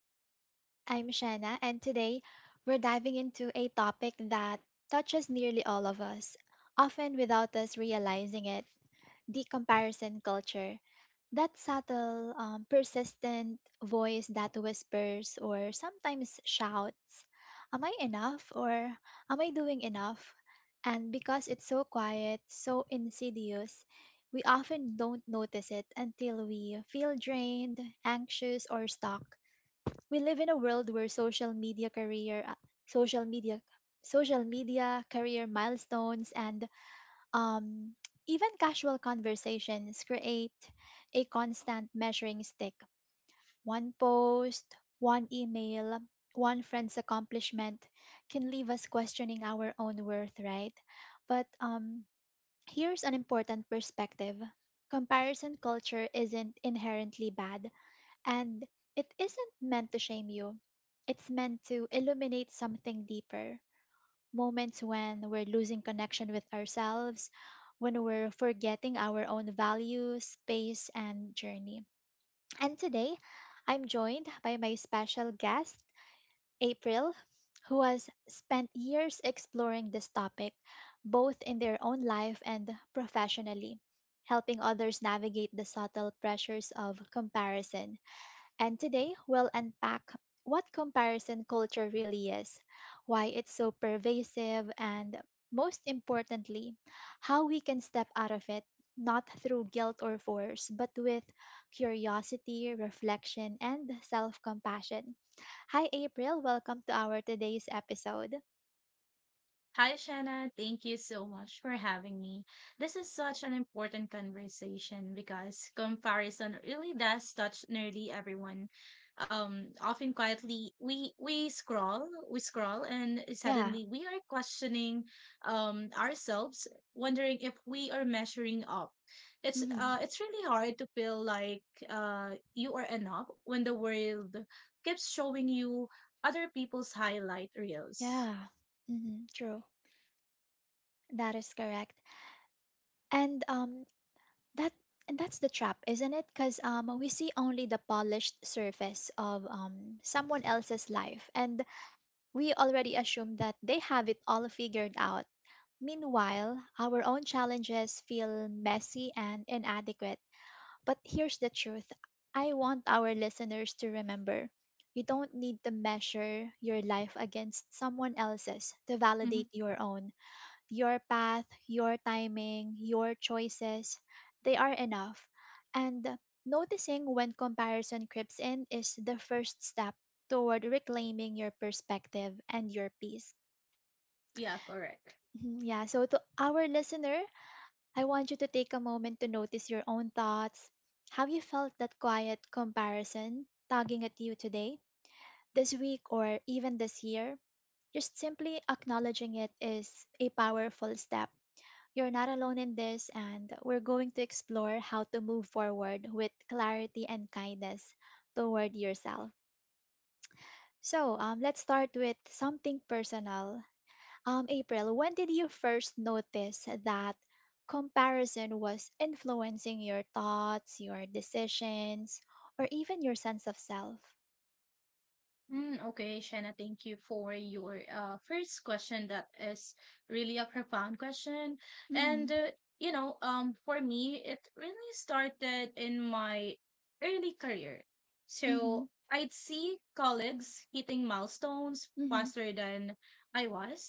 the podcast. I'm Shanna, and today we're diving into a topic that touches nearly all of us, often without us realizing it: the comparison culture. That subtle, persistent voice that whispers or sometimes shouts, am I enough or am I doing enough? And because it's so quiet, so insidious, we often don't notice it until we feel drained, anxious, or stuck. We live in a world where social media, social media career milestones and um, even casual conversations create a constant measuring stick. One post, one email, one friend's accomplishment can leave us questioning our own worth, right? But here's an important perspective: comparison culture isn't inherently bad, and it isn't meant to shame you, it's meant to illuminate something deeper: moments when we're losing connection with ourselves, when we're forgetting our own values, pace, and journey. And today, I'm joined by my special guest, April, who has spent years exploring this topic, both in their own life and professionally, helping others navigate the subtle pressures of comparison. And today, we'll unpack what comparison culture really is, why it's so pervasive, and most importantly, how we can step out of it, not through guilt or force, but with curiosity, reflection, and self compassion. Hi, April. Welcome to our today's episode. Hi, Shanna. Thank you so much for having me. This is such an important conversation because comparison really does touch nearly everyone. Often quietly, we scroll, we scroll, and Yeah. suddenly we are questioning ourselves, wondering if we are measuring up. It's Mhm. uh, it's really hard to feel like you are enough when the world keeps showing you other people's highlight reels. Yeah. Hmm, true. That is correct. And um, That and that's the trap, isn't it? Because we see only the polished surface of someone else's life, and we already assume that they have it all figured out. Meanwhile, our own challenges feel messy and inadequate. But here's the truth I want our listeners to remember: you don't need to measure your life against someone else's to Mm-hmm. validate your own. Your path, your timing, your choices, they are enough. And noticing when comparison creeps in is the first step toward reclaiming your perspective and your peace. Yeah, correct. Mhm. Yeah, so to our listener, I want you to take a moment to notice your own thoughts. Have you felt that quiet comparison tugging at you today, this week, or even this year? Just simply acknowledging it is a powerful step. You're not alone in this, and we're going to explore how to move forward with clarity and kindness toward yourself. So, let's start with something personal. April, when did you first notice that comparison was influencing your thoughts, your decisions, or even your sense of self? Okay, Shanna, thank you for your first question. That is really a profound question. And, Mm-hmm. uh, you know, for me, it really started in my early career. Mm-hmm. So I'd see colleagues hitting milestones Mm-hmm. faster than I was,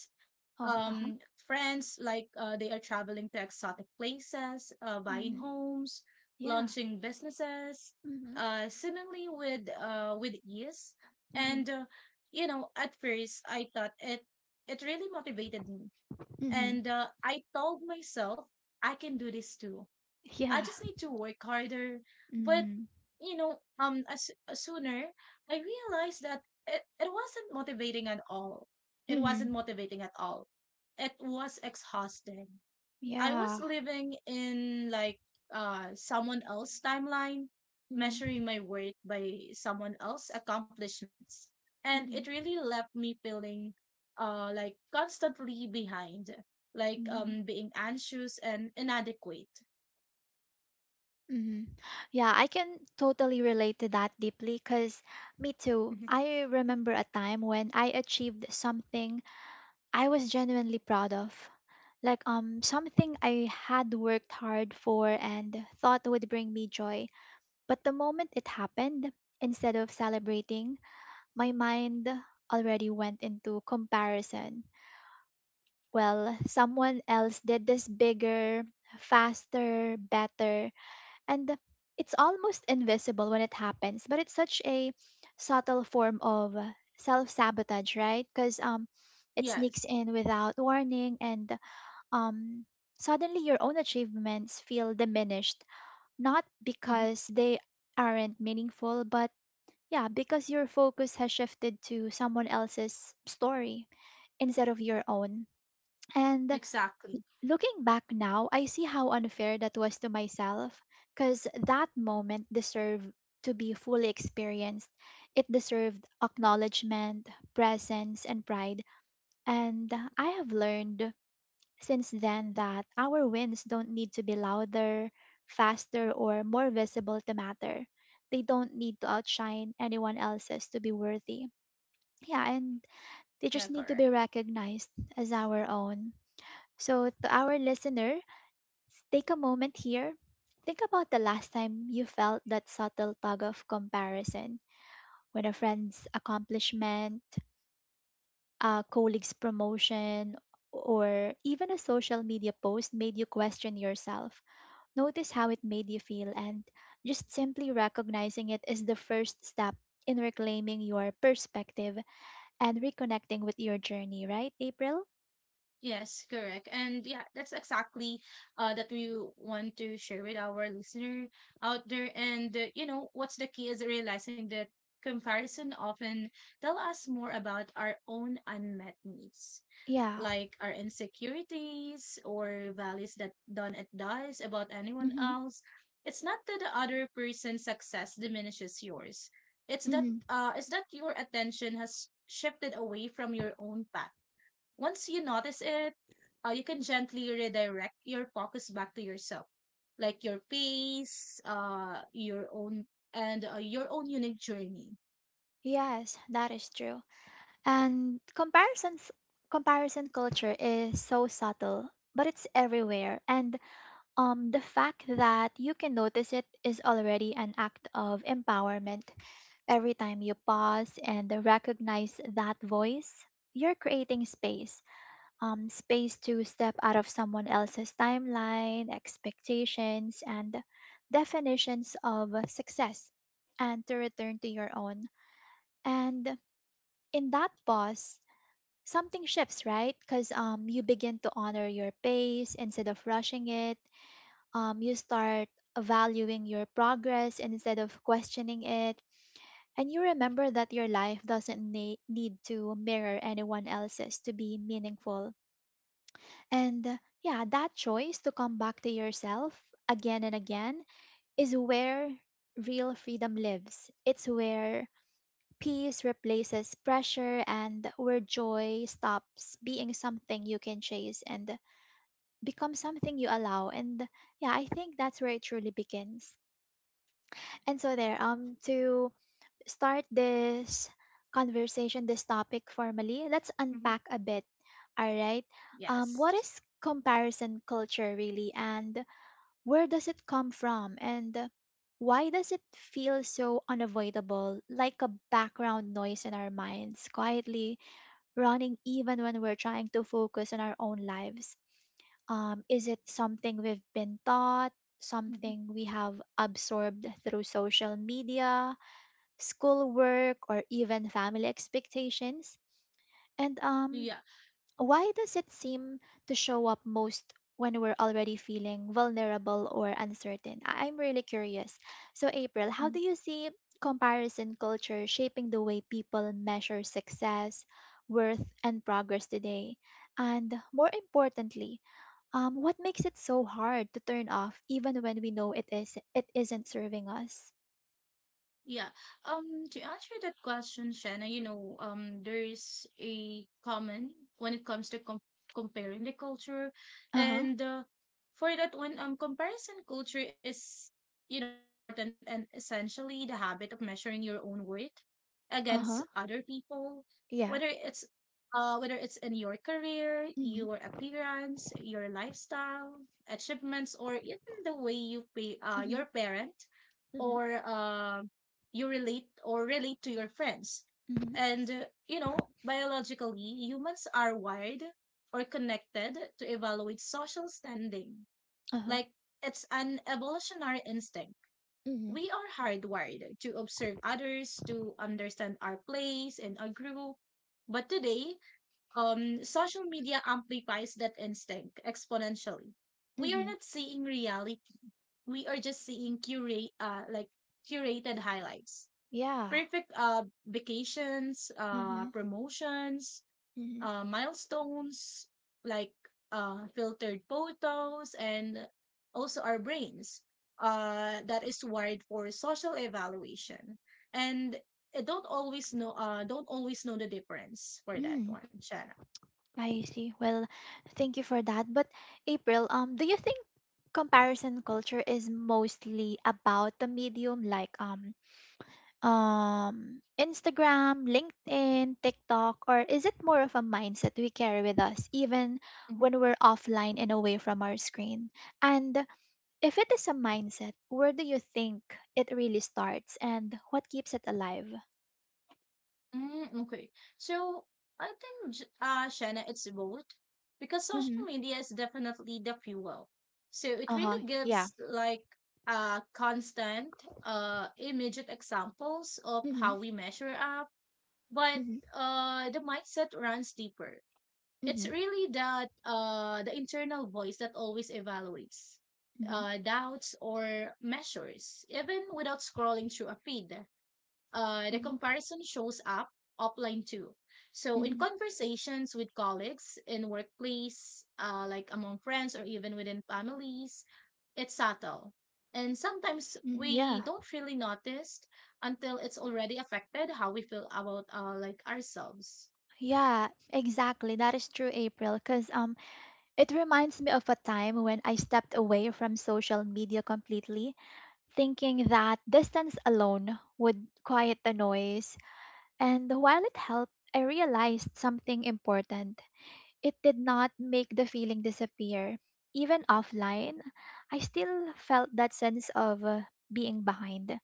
Oh, um, uh-huh. friends, they are traveling to exotic places, buying Mm-hmm. homes, Yeah. launching businesses, Mm-hmm. Seemingly with ease. Mm-hmm. And you know, at first, I thought it really motivated me, Mm-hmm. and I told myself I can do this too. I Yeah. just need to work harder. But Mm-hmm. As sooner I realized that it wasn't motivating at all. It wasn't Mm-hmm. motivating at all. It was exhausting. I Yeah. was living in like someone else's timeline, Mhm. measuring my worth by someone else's accomplishments, and it Mhm. really left me feeling like constantly behind, like Mhm. Being anxious and inadequate. Mhm. Yeah, I can totally relate to that deeply because me too. Mm-hmm. I remember a time when I achieved something I was genuinely proud of. Like something I had worked hard for and thought would bring me joy. But the moment it happened, instead of celebrating, my mind already went into comparison. Well, someone else did this bigger, faster, better. And it's almost invisible when it happens, but it's such a subtle form of self sabotage, right? Because it Yes. sneaks in without warning, and um suddenly your own achievements feel diminished, not hmm because they aren't meaningful, but yeah, because your focus has shifted to someone else's story instead of your own. And Exactly. looking back now, I see how unfair that was to myself, because that moment deserved to be fully experienced. It deserved acknowledgement, presence, and pride. And I have learned since then that our wins don't need to be louder, faster, or more visible to matter. They don't need to outshine anyone else's to be worthy. Yeah, and they Yeah, just need to be correct. recognized as our own. So, to our listener: take a moment here. Think about the last time you felt that subtle tug of comparison, when a friend's accomplishment, a colleague's promotion, or even a social media post made you question yourself. Notice how it made you feel, and just simply recognizing it is the first step in reclaiming your perspective and reconnecting with your journey, right, April? Yes, correct. And yeah, that's exactly that we want to share with our listener out there. And You know, what's the key is realizing that comparison often tell us more about our own unmet needs, Yeah. like our insecurities or values that don't does about anyone Hmm. else. It's not that the other person's success diminishes yours. It's that Hmm. Your attention has shifted away from your own path. Once you notice it, you can gently redirect your focus back to yourself. Like your pace, your own, and your own unique journey. Yes, that is true. And comparison culture is so subtle, but it's everywhere. And the fact that you can notice it is already an act of empowerment. Every time you pause and recognize that voice, you're creating space. Space to step out of someone else's timeline, expectations and definitions of success, and to return to your own. And in that pause, something shifts, right? Because you begin to honor your pace instead of rushing it. You start valuing your progress instead of questioning it. And you remember that your life doesn't need to mirror anyone else's to be meaningful. And Yeah, that choice to come back to yourself again and again is where real freedom lives. It's where peace replaces pressure, and where joy stops being something you can chase and become something you allow. And yeah, I think that's where it truly begins. And so, there, to start this conversation, this topic formally, let's Mhm. unpack a bit. All right. Yes. What is comparison culture really? And where does it come from, and why does it feel so unavoidable, like a background noise in our minds, quietly running even when we're trying to focus on our own lives? Is it something we've been taught, Mhm. something we have absorbed through social media, schoolwork, or even family expectations? And Yeah. why does it seem to show up most when we're already feeling vulnerable or uncertain? I'm really curious. So, April, how do you see comparison culture shaping the way people measure success, worth, and progress today? And more importantly, what makes it so hard to turn off even when we know it isn't serving us? Yeah. To answer that question, Shanna, you know, there is a common when it comes to comparing the culture, Uh huh. and for that one, comparison culture is, you know, important and essentially the habit of measuring your own worth against Uh huh. other people, whether Yeah. it's in your career, Mhm. your appearance, your lifestyle, achievements, or even the way you pay your Mhm. parent Mhm. or you relate or relate to your friends. Mhm. You know, biologically, humans are wired or connected to evaluate social standing. Uh huh. Like, it's an evolutionary instinct. Mhm. We are hardwired to observe others, to understand our place in a group. But today, social media amplifies that instinct exponentially. We are Mhm. not seeing reality. We are just seeing curated highlights, Yeah. perfect vacations, Mhm. promotions, Mhm. Milestones, like filtered photos, and also our brains that is wired for social evaluation. And I don't always know the difference for that Mm, one, Shanna. I see. Well, thank you for that. But April, do you think comparison culture is mostly about the medium, like Instagram, LinkedIn, TikTok, or is it more of a mindset we carry with us even Mm-hmm. when we're offline and away from our screen? And if it is a mindset, where do you think it really starts and what keeps it alive? Okay. So I think, Shanna, it's both because Mm-hmm. social media is definitely the fuel. So it Uh-huh. really Yeah. gives like constant, immediate examples of Mm-hmm. how we measure up, but Mm-hmm. The mindset runs deeper. It's Mm-hmm. really that the internal voice that always evaluates, doubts or measures, even without scrolling through a feed. The Mm-hmm. comparison shows up offline too. So in Mhm. conversations with colleagues in workplace, like among friends or even within families, it's subtle. And sometimes Mm. we Yeah, don't really notice until it's already affected how we feel about like ourselves. yeah, exactly. That is true, April. Because it reminds me of a time when I stepped away from social media completely, thinking that distance alone would quiet the noise. And while it helped, I realized something important. It did not make the feeling disappear. Even offline, I still felt that sense of being behind.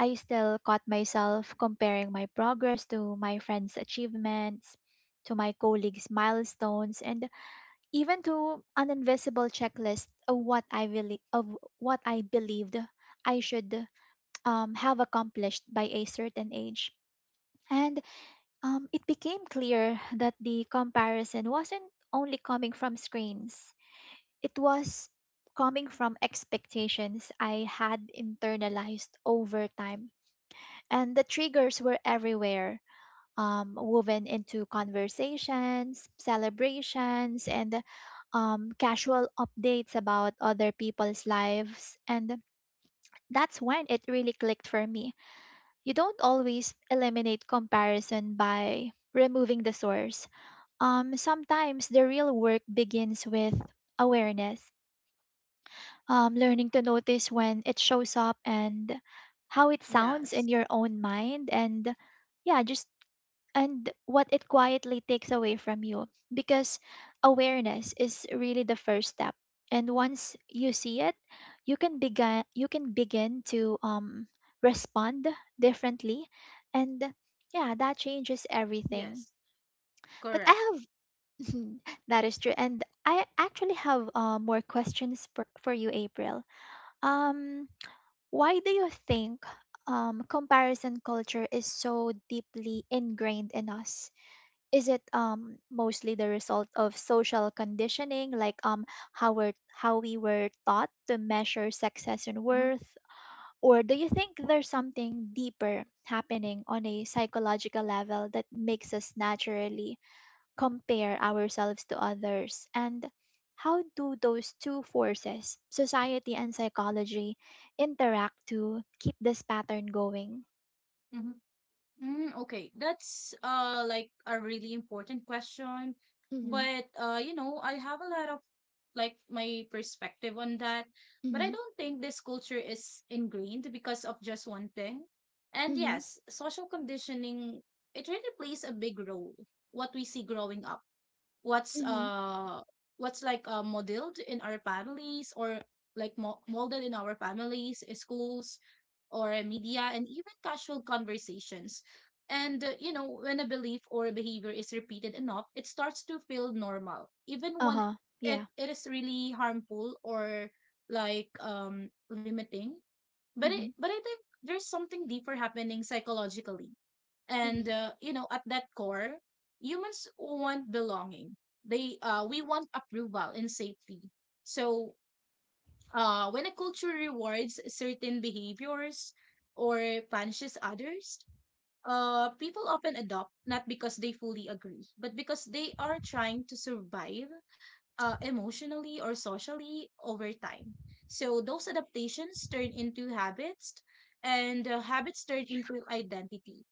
I still caught myself comparing my progress to my friends' achievements, to my colleagues' milestones, and even to an invisible checklist of what I believed I should have accomplished by a certain age. And It became clear that the comparison wasn't only coming from screens; it was coming from expectations I had internalized over time. And the triggers were everywhere, woven into conversations, celebrations, and casual updates about other people's lives. And that's when it really clicked for me: you don't always eliminate comparison by removing the source. Sometimes the real work begins with awareness, learning to notice when it shows up and how it sounds in Yes. your own mind, and yeah, just and what it quietly takes away from you. Because awareness is really the first step, and once you see it, you can begin to respond differently. And yeah, that changes everything. Yes. But I Correct. have that is true, and I actually have more questions for you, April. um why do you think comparison culture is so deeply ingrained in us? Is it mostly the result of social conditioning, like how we were taught to measure success and Mm-hmm. worth, or do you think there's something deeper happening on a psychological level that makes us naturally compare ourselves to others? And how do those two forces, society and psychology, interact to keep this pattern going? Mm-hmm. Okay, that's like a really important question, Mm-hmm. but you know, I have a lot of like my perspective on that, but I Mm-hmm. don't think this culture is ingrained because of just one thing. And Mm-hmm. yes, social conditioning, it really plays a big role. What we see growing up, what's Mm-hmm. uh what's like modeled in our families or like molded in our families, schools or media and even casual conversations. And You know, when a belief or a behavior is repeated enough, it starts to feel normal even when Uh-huh. it, Yeah. it is really harmful or like limiting. but it Mm-hmm. but I think there's something deeper happening psychologically. And You know, at that core, humans want belonging. They We want approval and safety. So when a culture rewards certain behaviors or punishes others, people often adopt not because they fully agree but because they are trying to survive emotionally or socially over time. So those adaptations turn into habits, and habits turn into identity.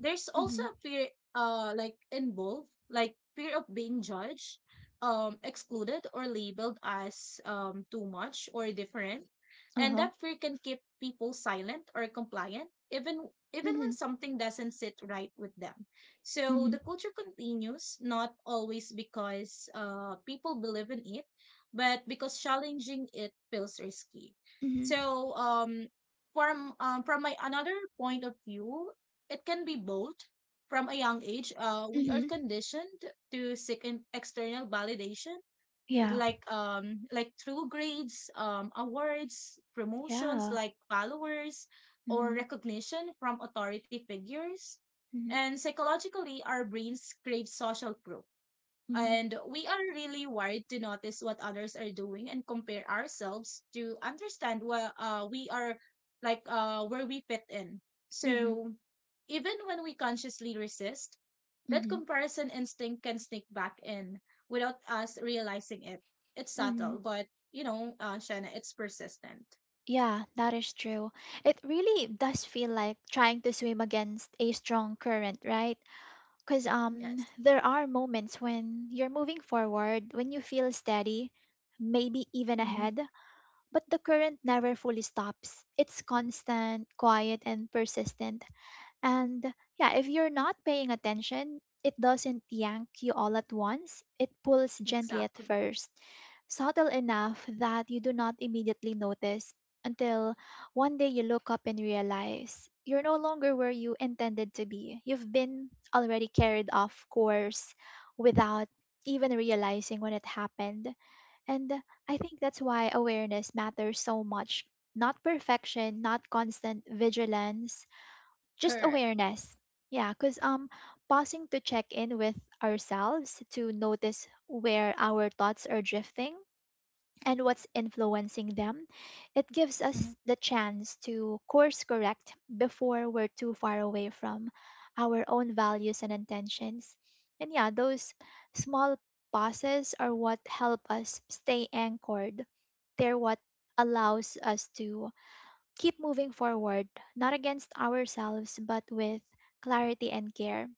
There's also Mhm. a fear, involved, like fear of being judged, excluded, or labeled as too much or different, and Uh-huh. that fear can keep people silent or compliant, even when Mhm. something doesn't sit right with them. So the Mhm. culture continues, not always because people believe in it, but because challenging it feels risky. Mhm. So from my another point of view, it can be both. From a young age, we are Mhm. conditioned to seek in external validation, Yeah. Through grades, awards, promotions, Yeah. like followers or Mhm. recognition from authority figures. Mhm. And psychologically, our brains crave social proof, Mhm. and we are really wired to notice what others are doing and compare ourselves to understand what we are, like where we fit in. Mhm. So even when we consciously resist, that Mhm. comparison instinct can sneak back in without us realizing it. It's Mhm. subtle, but you know, Shanna, it's persistent. Yeah, that is true. It really does feel like trying to swim against a strong current, right? Cuz Yes. there are moments when you're moving forward, when you feel steady, maybe even Mm-hmm. ahead, but the current never fully stops. It's constant, quiet, and persistent. And yeah, if you're not paying attention, it doesn't yank you all at once. It pulls gently at Exactly. first, subtle enough that you do not immediately notice until one day you look up and realize you're no longer where you intended to be. You've been already carried off course without even realizing when it happened. And I think that's why awareness matters so much. Not perfection, not constant vigilance, just Correct. awareness. Yeah, because pausing to check in with ourselves, to notice where our thoughts are drifting and what's influencing them, it gives Mm-hmm. us the chance to course correct before we're too far away from our own values and intentions. And yeah, those small pauses are what help us stay anchored. They're what allows us to keep moving forward, not against ourselves, but with clarity and care.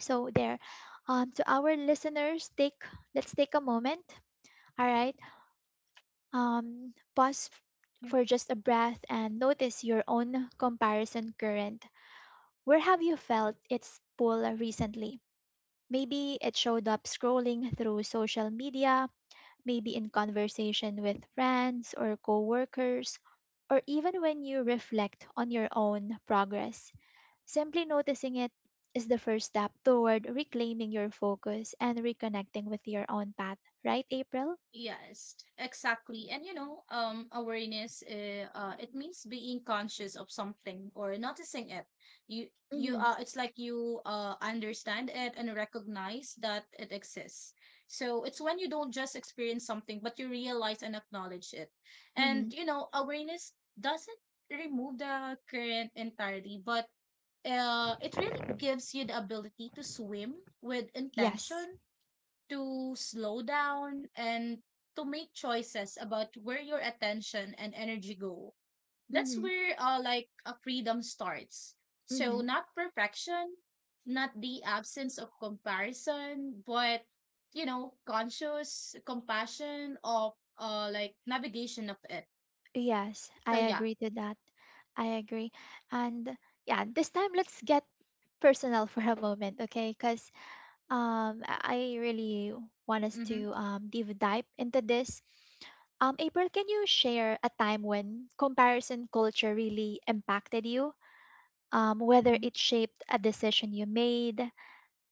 So to our listeners, take let's take a moment. All right, um, pause f- for just a breath and notice your own comparison current. Where have you felt its pull recently? Maybe it showed up scrolling through social media, maybe in conversation with friends or coworkers, or even when you reflect on your own progress. Simply noticing it is the first step toward reclaiming your focus and reconnecting with your own path, right, April? Yes, exactly. And you know, awareness, it means being conscious of something or noticing it. You, Mm-hmm. It's like you, understand it and recognize that it exists. So it's when you don't just experience something, but you realize and acknowledge it. Mm-hmm. And you know, awareness doesn't remove the current entirely, but it really gives you the ability to swim with Yes. intention, to slow down and to make choices about where your attention and energy go. That's Mm-hmm. where like a freedom starts. So Mm-hmm. not perfection, not the absence of comparison, but you know, conscious compassion of like navigation of it. Yes, So I yeah. agree to that. I agree. And yeah, this time let's get personal for a moment, okay? Because um, I I really want us Mm-hmm. to deep dive into this. April, can you share a time when comparison culture really impacted you? Whether Mm-hmm. it shaped a decision you made,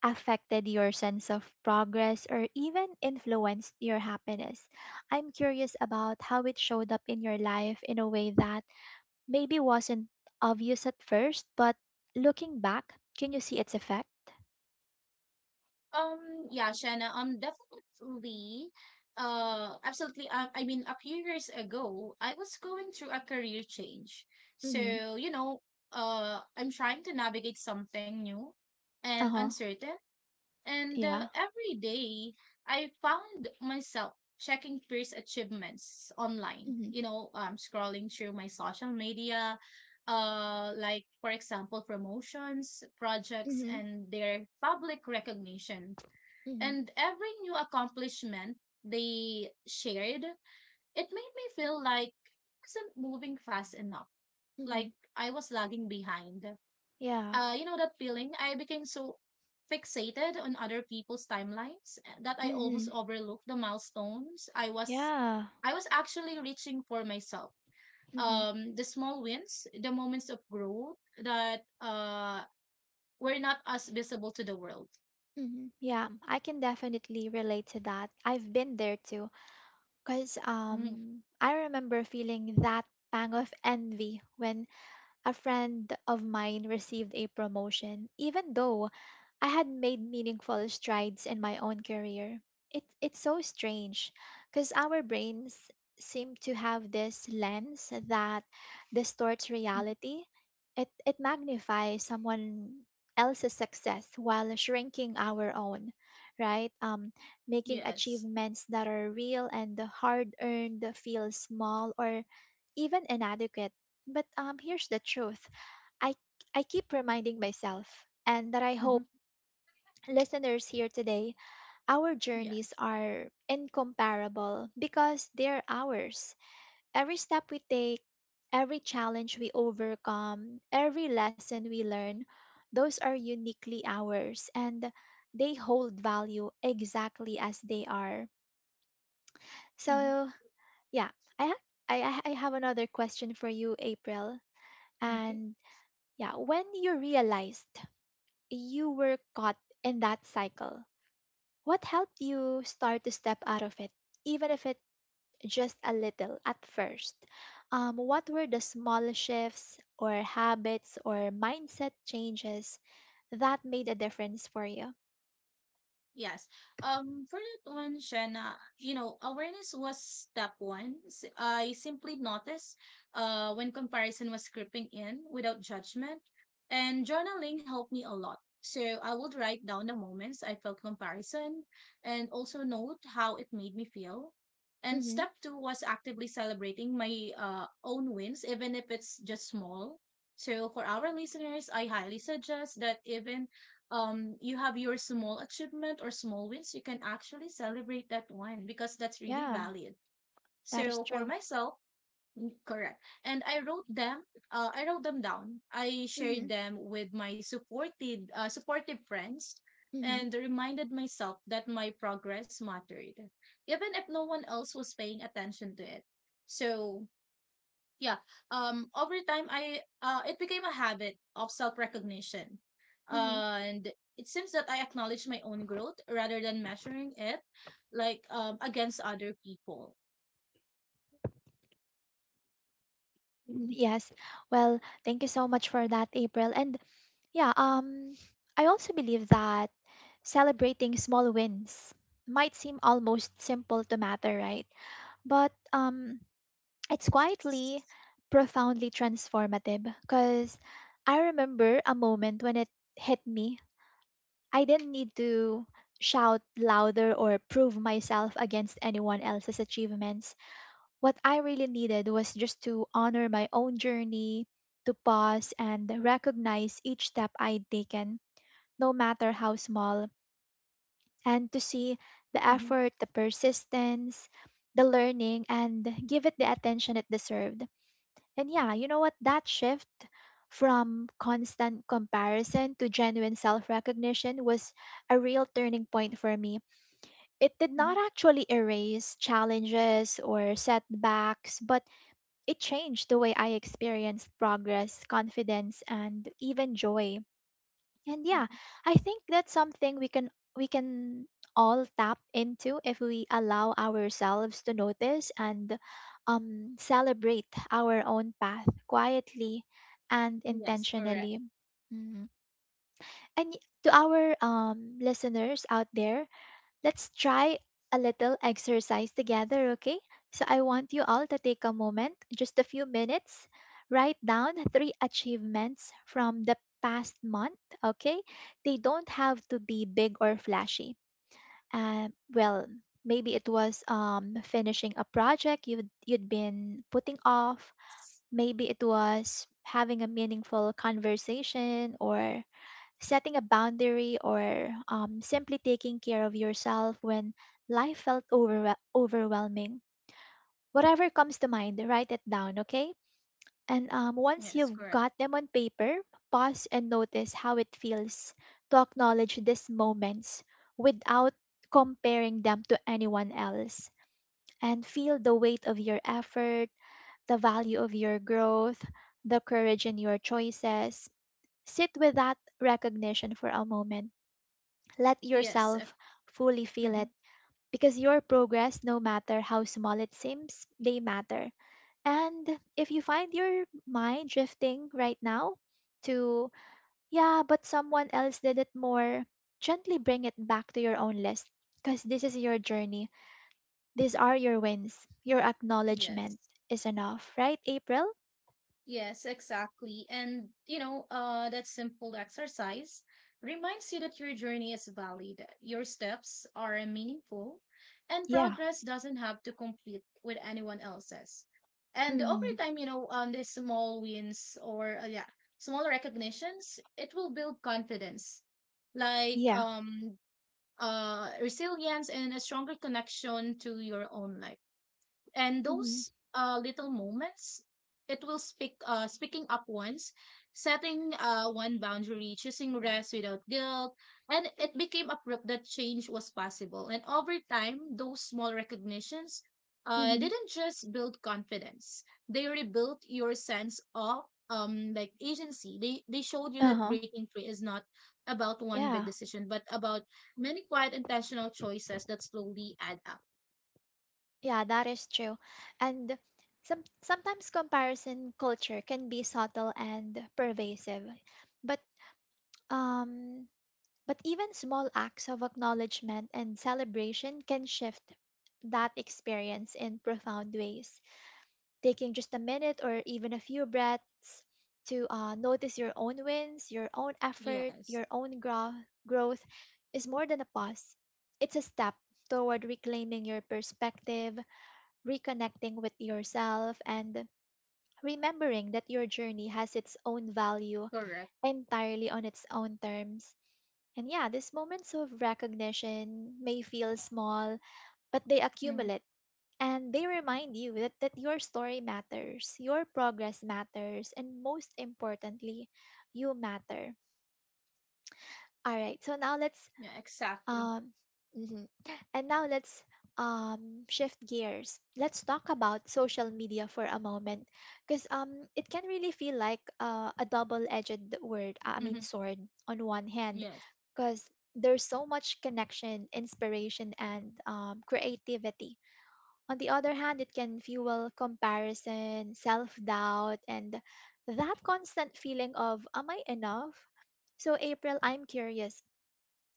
affected your sense of progress, or even influenced your happiness. I'm curious about how it showed up in your life in a way that maybe wasn't obvious at first, but looking back, can you see its effect? Yeah, Shanna, definitely, absolutely. I mean, a few years ago, I was going through a career change. Mm-hmm. So, you know, I'm trying to navigate something new and Uh huh. uncertain. And Yeah. every day, I found myself checking peers' achievements online. Mm-hmm. You know, scrolling through my social media, like, for example, promotions, projects, Mm-hmm. and their public recognition. Mm-hmm. And every new accomplishment they shared, it made me feel like I wasn't moving fast enough, Mm-hmm. like I was lagging behind. Yeah. You know that feeling? I became so fixated on other people's timelines that I almost Mm-hmm. overlooked the milestones Yeah. I was actually reaching for myself. Mm-hmm. The small wins, the moments of growth that were not as visible to the world. Mm-hmm. Yeah, I can definitely relate to that. I've been there too. Because Mhm. um, I remember feeling that pang of envy when a friend of mine received a promotion, even though I had made meaningful strides in my own career. It's so strange because our brains seem to have this lens that distorts Mhm. reality. It magnifies someone else's success while shrinking our own, right? Making Yes. achievements that are real and hard earned feel small or even inadequate. But here's the truth. I I keep reminding myself, and that I hmm hope listeners here today, our journeys Yes. are incomparable because they're ours. Every step we take, every challenge we overcome, every lesson we learn, those are uniquely ours, and they hold value exactly as they are. Mhm. So yeah, I ha- I have another question for you, April, Okay. and yeah, when you realized you were caught in that cycle? What helped you start to step out of it, even if it just a little at first? What were the small shifts or habits or mindset changes that made a difference for you? Yes. For that one, Shanna, you know, awareness was step one. I simply noticed when comparison was creeping in without judgment, and journaling helped me a lot. So I would write down the moments I felt comparison and also note how it made me feel. And Hmm. step two was actively celebrating my own wins, even if it's just small. So for our listeners, I highly suggest that even you have your small achievement or small wins, you can actually celebrate that one because that's really Yeah. valid. That is So for true. myself, correct, and I wrote them down. I Mm-hmm. shared them with my supported supportive friends Mm-hmm. and reminded myself that my progress mattered, even if no one else was paying attention to it. So yeah, over time, I it became a habit of self-recognition, Mm-hmm. and it seems that I acknowledge my own growth rather than measuring it like against other people. Mm, yes. Well, thank you so much for that, April. And yeah, I also believe that celebrating small wins might seem almost simple to matter, right? But it's quietly, profoundly transformative. Because I remember a moment when it hit me. I didn't need to shout louder or prove myself against anyone else's achievements. What I really needed was just to honor my own journey, to pause and recognize each step I'd taken, no matter how small, and to see the Mm-hmm. effort, the persistence, the learning, and give it the attention it deserved. And yeah, you know what? That shift from constant comparison to genuine self recognition was a real turning point for me. It did hmm not actually erase challenges or setbacks, but it changed the way I experienced progress, confidence, and even joy. And yeah, I think that's something we can all tap into if we allow ourselves to notice and celebrate our own path quietly and yes, correct. intentionally. Mm. And to our listeners out there, let's try a little exercise together, okay? So I want you all to take a moment, just a few minutes, write down three achievements from the past month, okay? They don't have to be big or flashy. Um, well, Maybe it was finishing a project you'd been putting off. Maybe it was having a meaningful conversation or setting a boundary or simply taking care of yourself when life felt overwhelming. Whatever comes to mind, write it down, okay? And once Yes, you've correct. got them on paper, pause and notice how it feels to acknowledge these moments without comparing them to anyone else. And feel the weight of your effort, the value of your growth, the courage in your choices. Sit with that recognition for a moment, let Yes if. yourself fully feel Mhm. it, because your progress, no matter how small it seems, they matter. And if you find your mind drifting right now to, yeah, but someone else did it more, gently bring it back to your own list because this is your journey. These are your wins. Your acknowledgement Yes. is enough, right, April? Yes, exactly. And, you know, that simple exercise reminds you that your journey is valid, your steps are meaningful, and Yeah. progress doesn't have to compete with anyone else's. And over Mm-hmm. time, you know, on these small wins or, yeah, smaller recognitions, it will build confidence, like Yeah. um, uh, resilience and a stronger connection to your own life. And Mm-hmm. those little moments, it will speak speaking up once, setting one boundary, choosing rest without guilt, and it became a proof that change was possible. And over time, those small recognitions Mm-hmm. didn't just build confidence, they rebuilt your sense of like agency. They showed you Uh that huh. breaking free is not about one big Yeah. decision but about many quiet, intentional choices that slowly add up. Yeah, that is true. And sometimes comparison culture can be subtle and pervasive. But um but even small acts of acknowledgement and celebration can shift that experience in profound ways. Taking just a minute or even a few breaths to notice your own wins, your own effort, Yes, your own growth is more than a pause. It's a step toward reclaiming your perspective, reconnecting with yourself, and remembering that your journey has its own value correct. entirely on its own terms. And yeah, these moments of recognition may feel small, but they Hmm accumulate, and they remind you that, that your story matters, your progress matters, and most importantly, you matter. All right, so now let's Yeah, exactly. Um, mhm. And now let's shift gears. Let's talk about social media for a moment, because it can really feel like a double-edged word. I hmm mean, sword, on one hand, Yes. because there's so much connection, inspiration, and creativity. On the other hand, it can fuel comparison, self-doubt, and that constant feeling of "Am I enough?" So, April, I'm curious,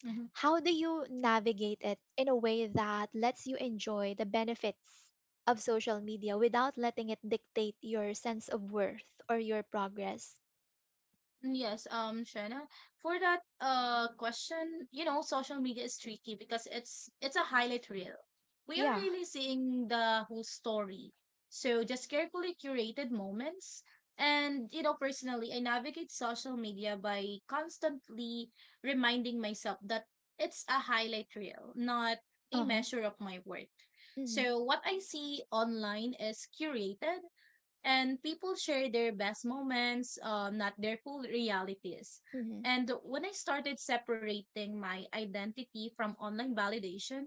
hmm how do you navigate it in a way that lets you enjoy the benefits of social media without letting it dictate your sense of worth or your progress? Yes, Shannon. For that question, you know, social media is tricky because it's a highlight reel. We are Yeah. really seeing the whole story. So just carefully curated moments. And you know, personally, I navigate social media by constantly reminding myself that it's a highlight reel, not a Uh huh. measure of my worth. Mm-hmm. So what I see online is curated and people share their best moments, not their full realities. Mm-hmm. And when I started separating my identity from online validation,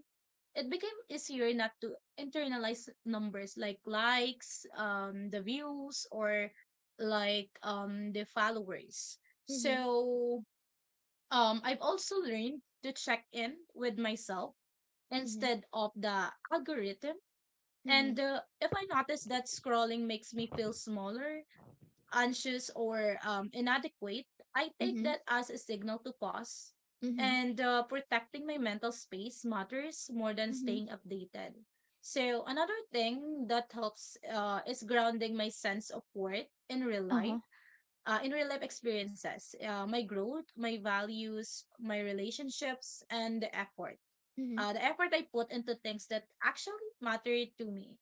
it became easier not to internalize numbers like likes, the views, or the followers. Mm-hmm. So I've also learned to check in with myself Mm-hmm. instead of the algorithm. Mm-hmm. And if I notice that scrolling makes me feel smaller, anxious or inadequate, I take Mm-hmm. that as a signal to pause. Mm-hmm. And protecting my mental space matters more than Mm-hmm. staying updated. So, another thing that helps is grounding my sense of worth Uh-huh. In real life experiences, my growth, my values, my relationships, and the effort Mm-hmm. uh, the effort I put into things that actually matter to me.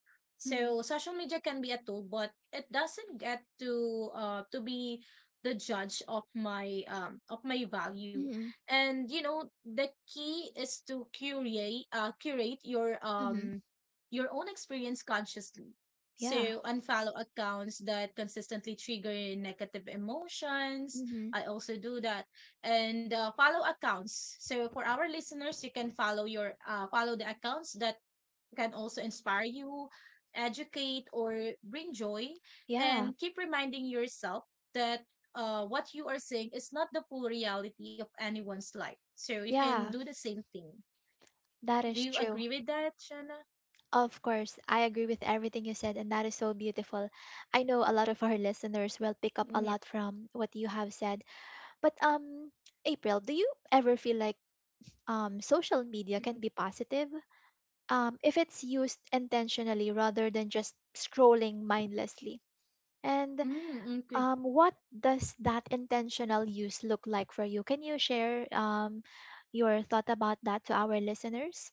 Mm-hmm. So social media can be a tool, but it doesn't get to be the judge of my value. Mm-hmm. And you know the key is to curate Mm-hmm. Your own experience consciously. Yeah. So unfollow accounts that consistently trigger negative emotions. Mm-hmm. I also do that and follow accounts. So for our listeners, you can follow the accounts that can also inspire you, educate, or bring joy, Yeah. and keep reminding yourself that what you are saying is not the full reality of anyone's life. So you can do Yeah. the same thing. That Do is you true. agree with that, Shana? Of course, I agree with everything you said, and that is so beautiful. I know a lot of our listeners will pick up a Yeah. lot from what you have said. But April, do you ever feel like social media can be positive if it's used intentionally rather than just scrolling mindlessly? And Mm, okay. What does that intentional use look like for you? Can you share your thought about that to our listeners?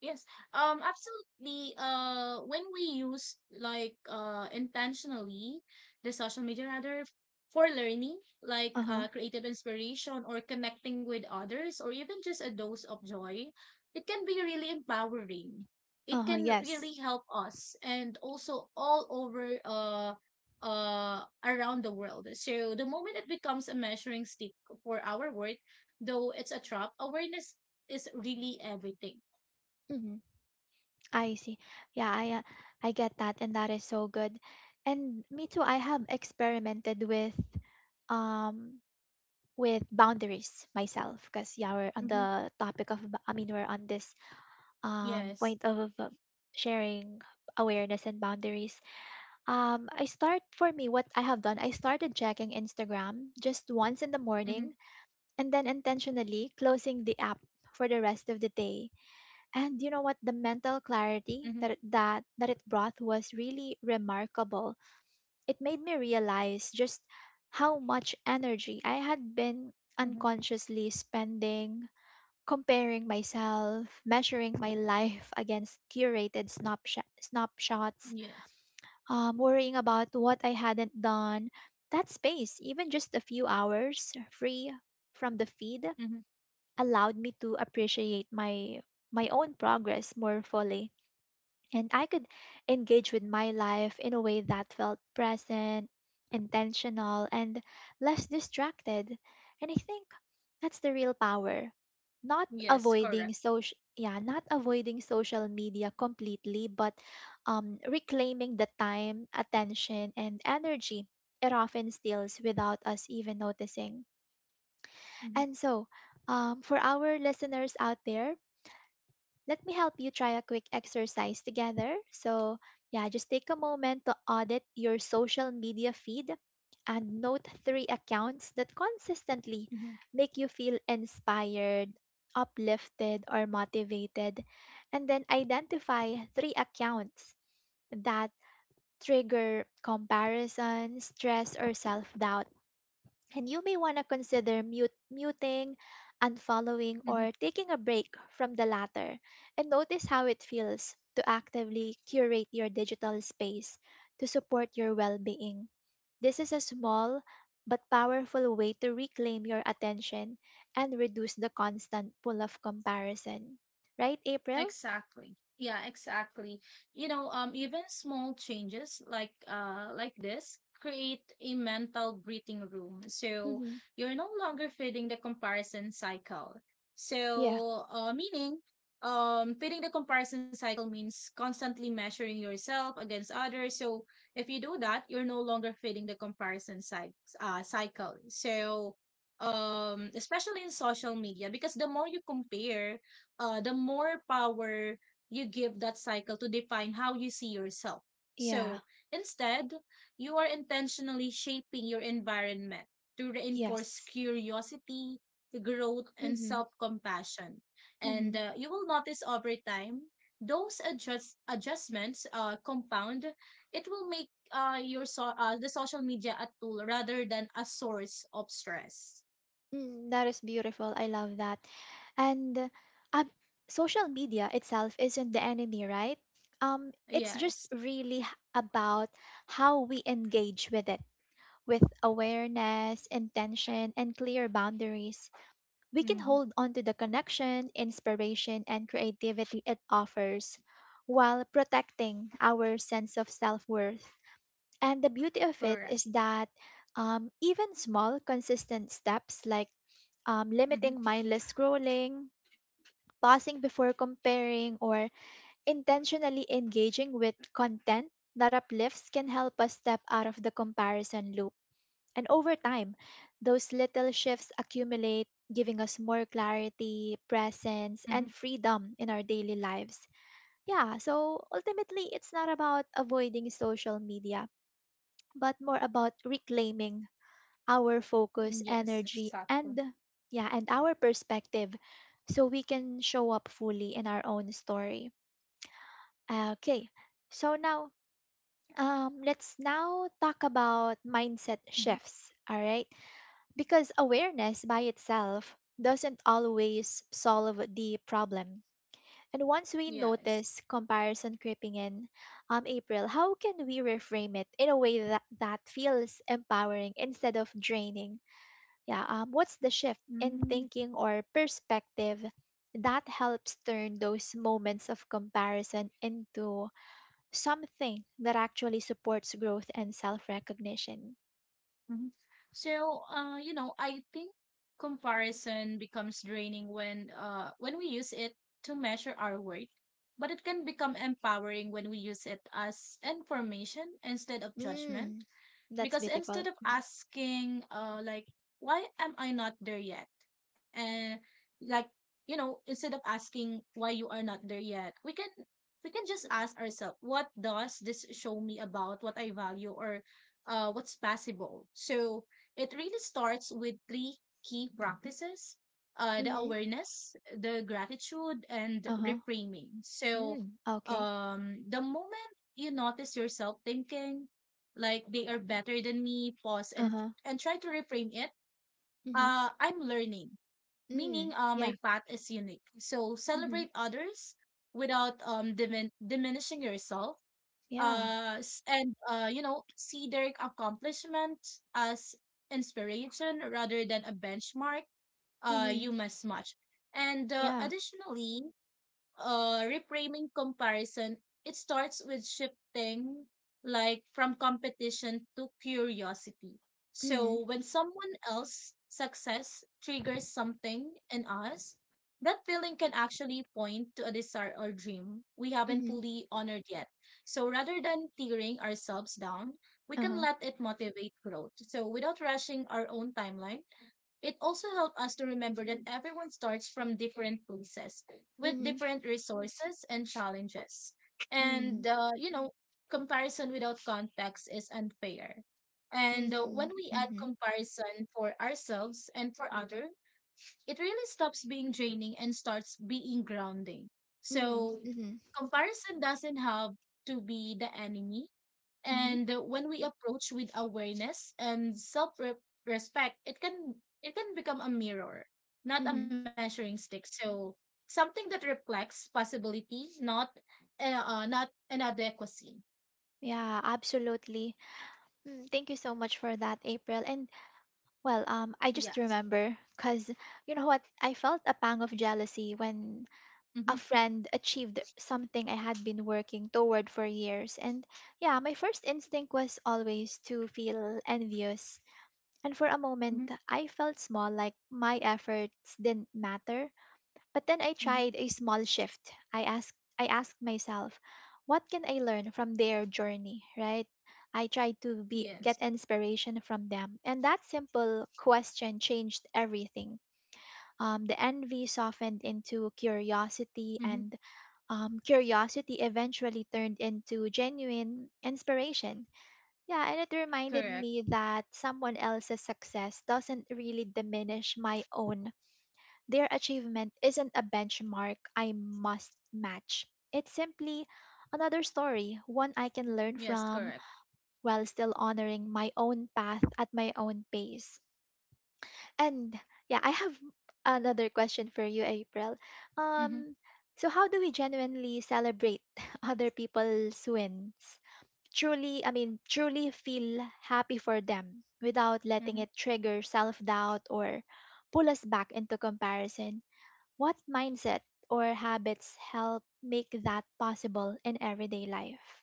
Yes, absolutely. When we use intentionally the social media rather for learning, Uh huh. Creative inspiration or connecting with others or even just a dose of joy, it can be really empowering. Uh It huh. can really Yes. help us and also all over around the world. So the moment it becomes a measuring stick for our work, though it's a trap, awareness is really everything. Mm-hmm. I see. Yeah, I get that, and that is so good. And me too. I have experimented with um with boundaries myself, because yeah, we're on Mhm. the topic of we're on this Yes. point of sharing awareness and boundaries. Um I start for me what I have done I started checking Instagram just once in the morning Mhm. and then intentionally closing the app for the rest of the day. And you know what, the mental clarity that Mhm. That it brought was really remarkable. It made me realize just how much energy I had been Mhm. unconsciously spending comparing myself, measuring my life against curated snapshots, Yes. Worrying about what I hadn't done. That space, even just a few hours free from the feed, Mhm. allowed me to appreciate my own progress more fully, and I could engage with my life in a way that felt present, intentional, and less distracted. And I think that's the real power. Yes, correct. Not avoiding social media completely, but reclaiming the time, attention, and energy it often steals without us even noticing. Mhm. And so, for our listeners out there, let me help you try a quick exercise together. So, yeah, just take a moment to audit your social media feed and note three accounts that consistently Mhm. make you feel inspired, uplifted, or motivated. And then identify three accounts that trigger comparison, stress, or self doubt. And you may want to consider muting, unfollowing, Mhm. or taking a break from the latter. And notice how it feels to actively curate your digital space to support your well being. This is a small but powerful way to reclaim your attention and reduce the constant pull of comparison. Right, April? Exactly. Yeah, exactly. You know, even small changes like this create a mental breathing room. So Mm-hmm. you're no longer feeding the comparison cycle. Yeah, So meaning feeding the comparison cycle means constantly measuring yourself against others. So if you do that, you're no longer feeding the cycle. So especially in social media because the more you compare the more power you give that cycle to define how you see yourself. yeah, So instead, you are intentionally shaping your environment to reinforce yes. curiosity, growth, and Mm-hmm. self compassion. Mm-hmm. And you will notice over time, those adjustments compound. It will make your the social media a tool rather than a source of stress. Mm, that is beautiful. I love that. And um, social media itself isn't the enemy, right? Um, it's just Yes. really h- about how we engage with it. With awareness, intention, and clear boundaries, we can Mm-hmm. hold on to the connection, inspiration, and creativity it offers while protecting our sense of self worth. And the beauty of it Correct. is that even small, consistent steps like limiting mindless scrolling, pausing before comparing, or intentionally engaging with content that uplifts can help us step out of the comparison loop. And over time, those little shifts accumulate, giving us more clarity, presence, Mm-hmm. and freedom in our daily lives. Yeah, so ultimately, it's not about avoiding social media, but more about reclaiming our focus, Yes, energy, exactly. and yeah, and our perspective so we can show up fully in our own story. Okay. So now let's now talk about mindset Hmm. shifts, all right? Because awareness by itself doesn't always solve the problem. And once we Yes. notice comparison creeping in, April, how can we reframe it in a way that feels empowering instead of draining? Yeah, what's the shift in Mm-hmm. thinking or perspective that helps turn those moments of comparison into something that actually supports growth and self recognition? So, you know, I think comparison becomes draining when we use it to measure our worth, but it can become empowering when we use it as information instead of judgment. Mm, that's Because beautiful. instead of asking why am I not there yet and like you know instead of asking why you are not there yet we can just ask ourselves what does this show me about what I value or what's possible. So it really starts with three key practices, the Mm-hmm. awareness, the gratitude, and Uh huh. reframing. So Mm, okay. The moment you notice yourself thinking like they are better than me, pause Uh and huh. and try to reframe it. Mm-hmm. I'm learning, Mm, meaning yeah. my path is unique. So Mm-hmm. celebrate others without diminishing yourself. Yeah. S- and you know, see their accomplishment as inspiration rather than a benchmark. Mm-hmm. You must match. And Yeah. additionally, reframing comparison, it starts with shifting like from competition to curiosity. Mm-hmm. So when someone else success triggers something in us, that feeling can actually point to a desire or dream we haven't Mm-hmm. fully honored yet. So rather than tearing ourselves down, we Uh can huh. let it motivate growth. So without rushing our own timeline, it also helped us to remember that everyone starts from different places with Mm-hmm. different resources and challenges. Mm-hmm. And, you know, comparison without context is unfair. And when Mm-hmm. we add Mm, comparison for ourselves and for other, it really stops being draining and starts being grounding. So Mm-hmm. comparison doesn't have to be the enemy. Mm-hmm. And when we approach with awareness and self respect, it can become a mirror, not a Mm-hmm. measuring stick. So something that reflects possibility, not not inadequacy. Yeah, absolutely. Mm, thank you so much for that, April. And well, I just Yes. remember because you know what? I felt a pang of jealousy when Mm-hmm, a friend achieved something I had been working toward for years. And yeah, my first instinct was always to feel envious. And for a mm-hmm, moment, I felt small, like my efforts didn't matter. But then I tried mm-hmm. a small shift. I asked myself, what can I learn from their journey, right? I tried to be Yes. get inspiration from them. And that simple question changed everything. The envy softened into curiosity Mm-hmm. and curiosity eventually turned into genuine inspiration. Yeah, and it reminded Correct. me that someone else's success doesn't really diminish my own. Their achievement isn't a benchmark I must match. It's simply another story, one I can learn Yes. from Correct. while still honoring my own path at my own pace. And yeah, I have another question for you, April. Mm-hmm, Um, so how do we genuinely celebrate other people's wins? Truly, I mean, truly feel happy for them without letting mm-hmm. it trigger self doubt or pull us back into comparison. What mindset or habits help make that possible in everyday life?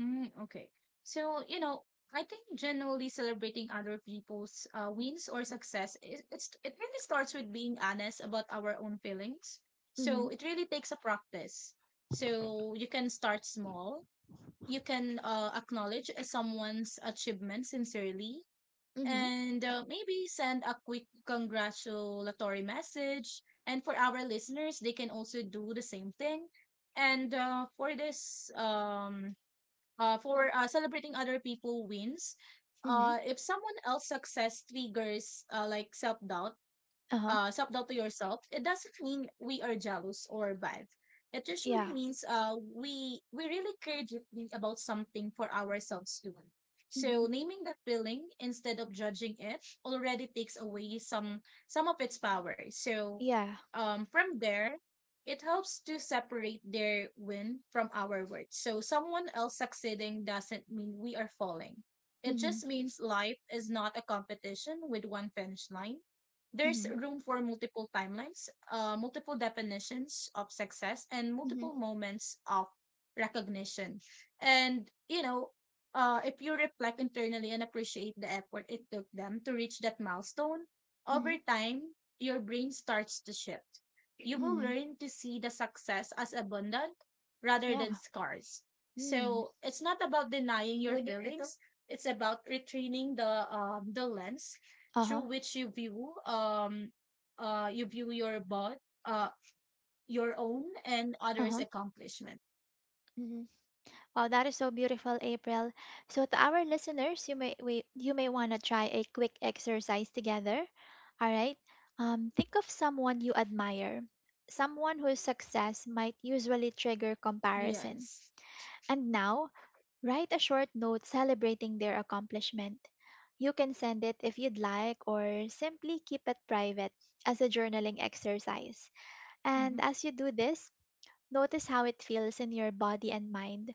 Mm, okay. So, you know, I think generally celebrating other people's wins or success, it really starts with being honest about our own feelings. Mhm. So, it really takes a practice. So, you can start small, you can acknowledge someone's achievement sincerely, Mhm. and maybe send a quick congratulatory message. And for our listeners, they can also do the same thing. And for this, for celebrating other people wins, Mhm. If someone else success triggers Uh huh. Self doubt to yourself, it doesn't mean we are jealous or bad. It Yeah. usually means uh, we really care deeply about something for ourselves too. Mhm. So naming that feeling instead of judging it already takes away some of its power. So Yeah. From there, it helps to separate their win from our worth. So someone else succeeding doesn't mean we are falling. It Mhm. just means life is not a competition with one finish line. There's Mhm. room for multiple timelines, multiple definitions of success, and Mhm. multiple moments of recognition. And, you know, if you reflect internally and appreciate the effort it took them to reach that milestone, over Mhm. time, your brain starts to shift. You will Mhm. learn to see the success as abundant rather than Yeah. scars. Mm. So it's not about denying your Would ito? Feelings. It's about retraining the lens Uh through huh. which you view your bot uh your own and Uh others huh. accomplishment. Mhm. Wow, that is so beautiful, April. So to our listeners, you may want to try a quick exercise together. All right. Think of someone you admire, someone whose success might usually trigger comparison. Yes. And now, write a short note celebrating their accomplishment. You can send it if you'd like or simply keep it private as a journaling exercise. And Hmm. as you do this, notice how it feels in your body and mind.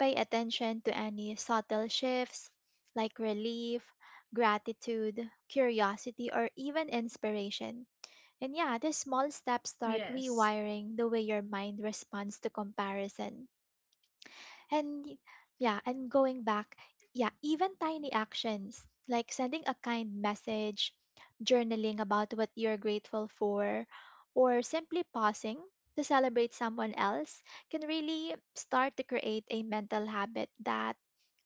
Pay attention to any subtle shifts like relief, gratitude, curiosity, or even inspiration. And yeah, these small steps start Yes. rewiring the way your mind responds to comparison. And yeah, and going back, yeah, even tiny actions like sending a kind message, journaling about what you're grateful for, or simply pausing to celebrate someone else can really start to create a mental habit that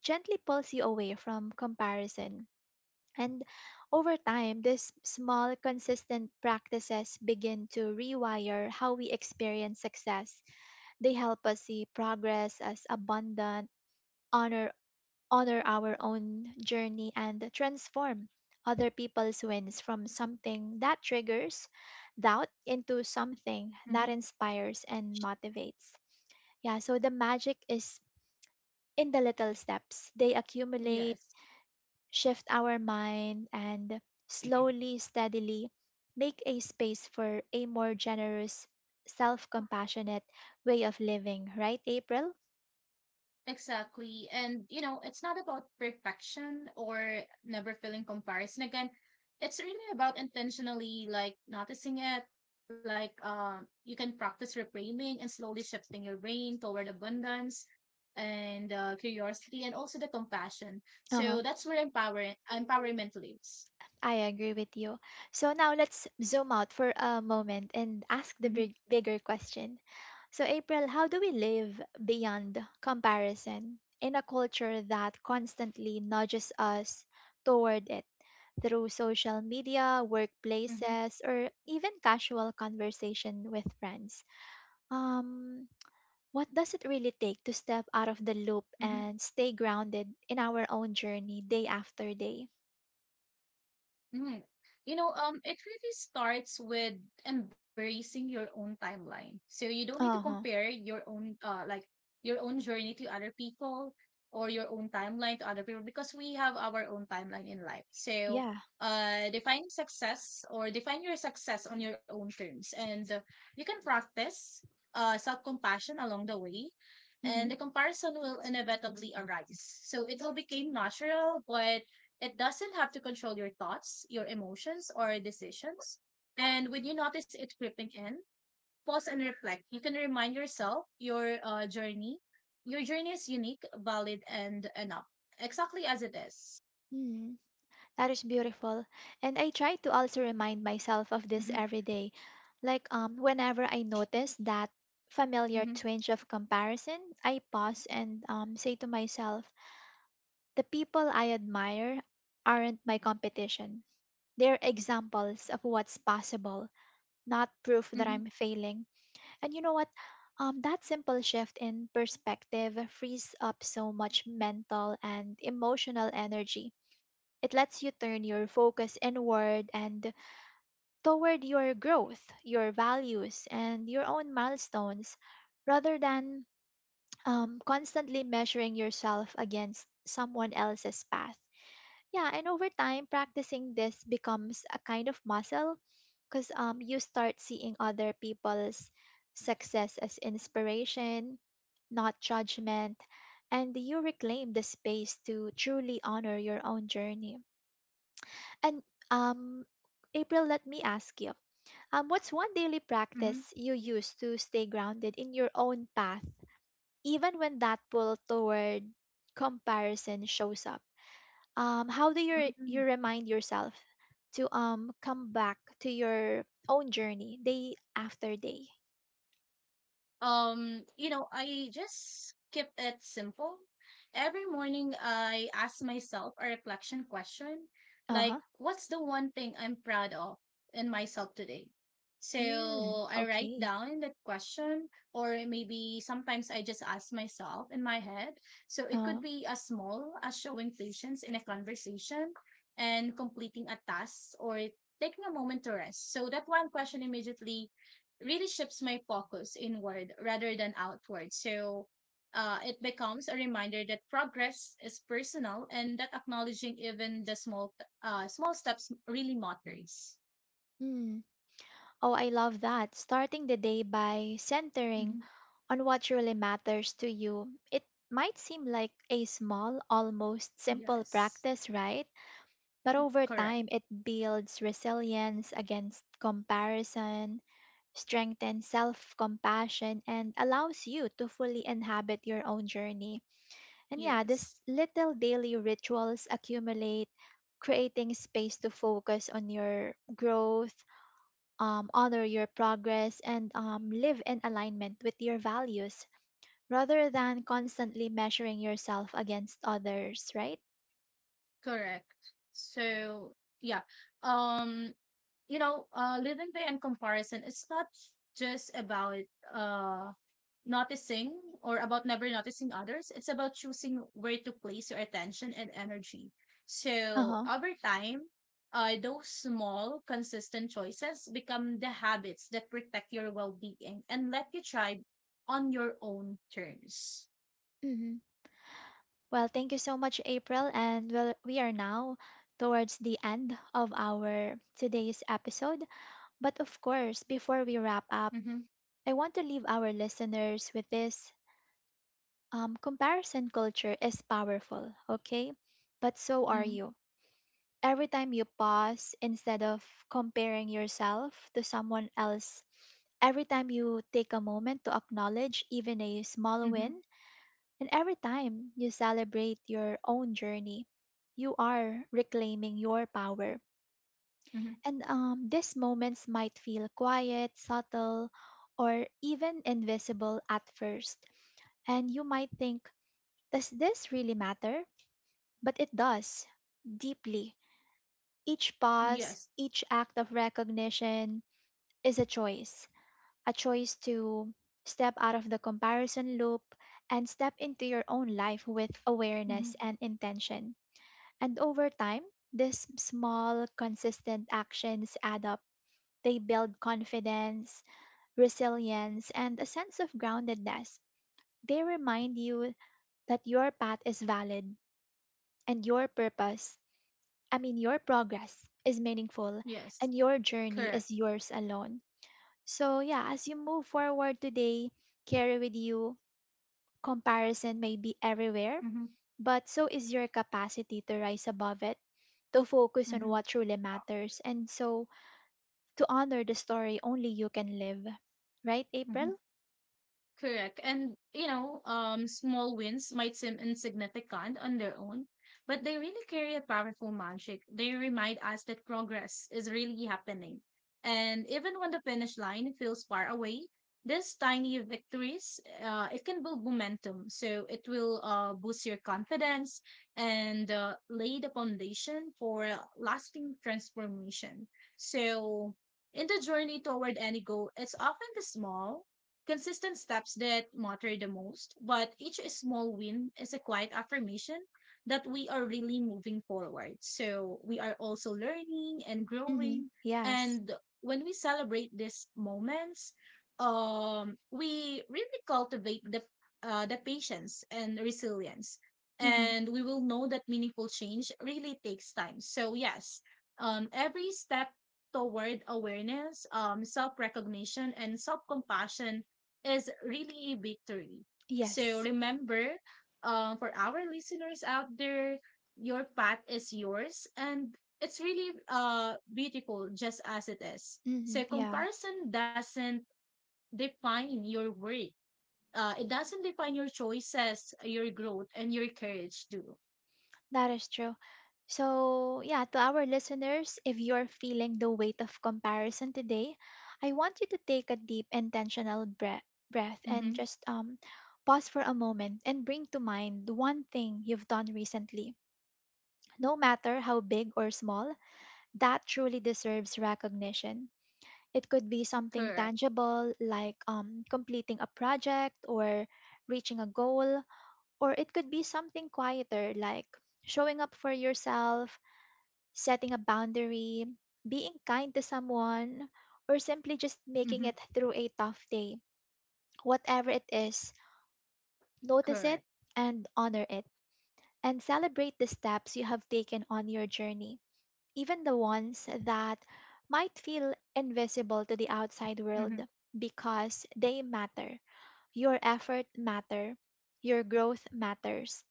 gently pulls you away from comparison, and over time, these small, consistent practices begin to rewire how we experience success. They help us see progress as abundant, honor, honor our own journey, and transform other people's wins from something that triggers doubt into something Hmm. that inspires and motivates. Yeah, so the magic is in the little steps. They accumulate, Yes. shift our mind, and slowly, steadily make a space for a more generous, self compassionate way of living, right, April? Exactly. And, you know, it's not about perfection or never feeling comparison. Again, it's really about intentionally like noticing it. Like you can practice reframing and slowly shifting your brain toward abundance and curiosity and also the compassion. Uh huh. So that's where empowerment lives. I agree with you. So now let's zoom out for a moment and ask the Mm-hmm, bigger question. So, April, how do we live beyond comparison in a culture that constantly nudges us toward it through social media, mm-hmm, workplaces, or even casual conversation with friends? Um, what does it really take to step out of the loop mm-hmm. and stay grounded in our own journey day after day? Mm. You know, it really starts with embracing your own timeline. So you don't need to Uh huh. compare your own, your own journey to other people or your own timeline to other people because we have our own timeline in life. So, Yeah. Define success or define your success on your own terms, and you can practice self-compassion along the way, and the comparison will inevitably arise. So it will become natural, but it doesn't have to control your thoughts, your emotions, or decisions. And when you notice it creeping in, pause and reflect. You can remind yourself your journey. Your journey is unique, valid, and enough, exactly as it is. Mm, that is beautiful. And I try to also remind myself of this Mm-hmm, every day. Like whenever I notice that familiar mm-hmm, twinge of comparison, I pause and say to myself, the people I admire aren't my competition. They're examples of what's possible, not proof mm-hmm, that I'm failing. And you know what? That simple shift in perspective frees up so much mental and emotional energy. It lets you turn your focus inward and toward your growth, your values, and your own milestones rather than constantly measuring yourself against someone else's path. Yeah, and over time, practicing this becomes a kind of muscle because you start seeing other people's success as inspiration, not judgment, and you reclaim the space to truly honor your own journey. And um, April, let me ask you, what's one daily mm-hmm, practice you use to stay grounded in your own path, even when that pull toward comparison shows up? How do you mm-hmm. you remind yourself to come back to your own journey day after day? You know, I just keep it simple. Every morning, I ask myself a reflection question Uh huh. like, what's the one thing I'm proud of in myself today? Mm, So I write okay. down that question, or maybe sometimes I just ask myself in my head. So it Uh. could be as small as showing patience in a conversation and completing a task or taking a moment to rest. So that one question immediately really shifts my focus inward rather than outward. So it becomes a reminder that progress is personal and that acknowledging even the small steps really matters. Mm. Oh, I love that. Starting the day by centering Hmm. on what truly matters to you. It might seem like a small, almost simple Yes, practice, right? But over correct. time, it builds resilience against comparison, strengthens self compassion, and allows you to fully inhabit your own journey. And yeah, these Yes, little daily rituals accumulate, creating space to focus on your growth, honor your progress, and live in alignment with your values rather than constantly measuring yourself against others, right? correct. So yeah, um, you know, living by in comparison is not just about uh noticing or about never noticing others. It's about choosing where to place your attention and energy. Uh So huh. over time, those small, consistent choices become the habits that protect your well being and let you thrive on your own terms. hmm Well, thank you so much, April. And well, we are now towards the end of our today's episode. But of course, before we wrap up, Mm-hmm. I want to leave our listeners with this. Um, comparison culture is powerful, okay? But so are Mm-hmm. you. Every time you pause, instead of comparing yourself to someone else, every time you take a moment to acknowledge even a small Mm-hmm. win, and every time you celebrate your own journey, you are reclaiming your power. Mm-hmm. And these moments might feel quiet, subtle, or even invisible at first. And you might think, does this really matter? But it does, deeply. Each pause, Yes. each act of recognition is a choice to step out of the comparison loop and step into your own life with Mm-hmm. awareness and intention. And over time, these small, consistent actions add up. They build confidence, resilience, and a sense of groundedness. They remind you that your path is valid and your purpose, I mean, your progress is meaningful, Yes. and your journey Correct. is yours alone. So, yeah, as you move forward today, carry with you: comparison may be everywhere, Mm-hmm. but so is your capacity to rise above it, to focus on Mm-hmm. what truly matters, and so to honor the story only you can live. Right, Mm-hmm. April? Correct. And you know, small wins might seem insignificant on their own, but they really carry a powerful magic. They remind us that progress is really happening. And even when the finish line feels far away, these tiny victories, it can build momentum. So it will boost your confidence and lay the foundation for lasting transformation. So in the journey toward any goal, it's often the small consistent steps that matter the most, but each small win is a quiet affirmation that we are really moving forward. So we are also learning and Mm-hmm. growing. Yes. And when we celebrate these moments, we really cultivate the patience and resilience, Mm-hmm. and we will know that meaningful change really takes time. So yes, every step toward awareness, self recognition, and self compassion is really a victory. So Yes. remember, for our listeners out there, your path is yours and it's really beautiful just as it is. Mm-hmm. So Yeah, comparison doesn't define your worth. It doesn't define your choices, your growth, and your courage do. that is true. So, yeah, to our listeners, if you're feeling the weight of comparison today, I want you to take a deep, intentional breath and Mm-hmm. just pause for a moment and bring to mind the one thing you've done recently. No matter how big or small, that truly deserves recognition. It could be something Correct. tangible like completing a project or reaching a goal, or it could be something quieter like showing up for yourself, setting a boundary, being kind to someone, or simply just making Mm-hmm. it through a tough day. Whatever it is, notice it Correct. and honor it, and celebrate the steps you have taken on your journey, even the ones that might feel invisible to the outside world, Mm-hmm. because they matter. Your effort matter, your growth matters.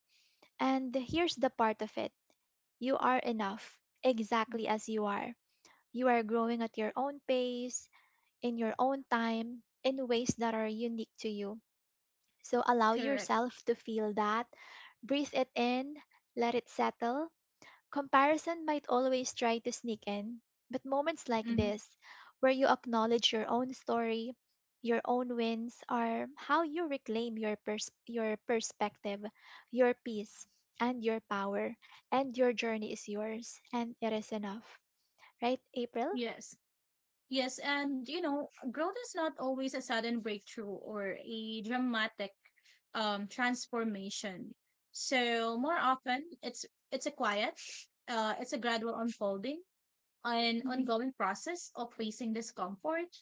And here's the part of it. You are enough, exactly as you are. You are growing at your own pace, in your own time, in ways that are unique to you. So allow Correct. yourself to feel that. Breathe it in, let it settle. Comparison might always try to sneak in, but moments like Mm-hmm. this, where you acknowledge your own story, your own wins, are how you reclaim your perspective, your peace, and your power. And your journey is yours, and it is enough. Right, April? Yes. Yes, and you know, growth is not always a sudden breakthrough or a dramatic transformation. So more often, it's a quiet, it's a gradual unfolding, an ongoing process of facing discomfort,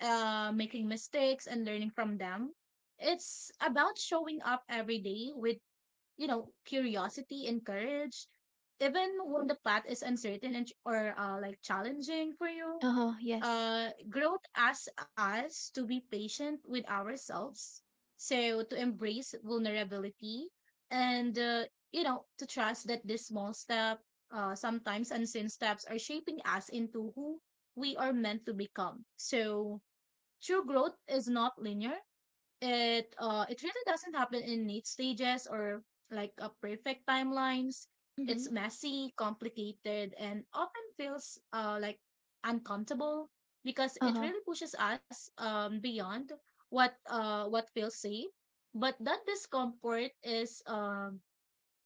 making mistakes, and learning from them. It's about showing up every day with you know curiosity and courage, even when the path is uncertain and ch- or like challenging for you. Uh-huh, yes. Growth asks us to be patient with ourselves. So to embrace vulnerability and, you know, to trust that this small step, sometimes unseen steps are shaping us into who we are meant to become. So true growth is not linear. It really doesn't happen in neat stages or like a perfect timelines. Mm-hmm. It's messy, complicated, and often feels uncomfortable because it Uh-huh, really pushes us beyond what feels safe. But that discomfort is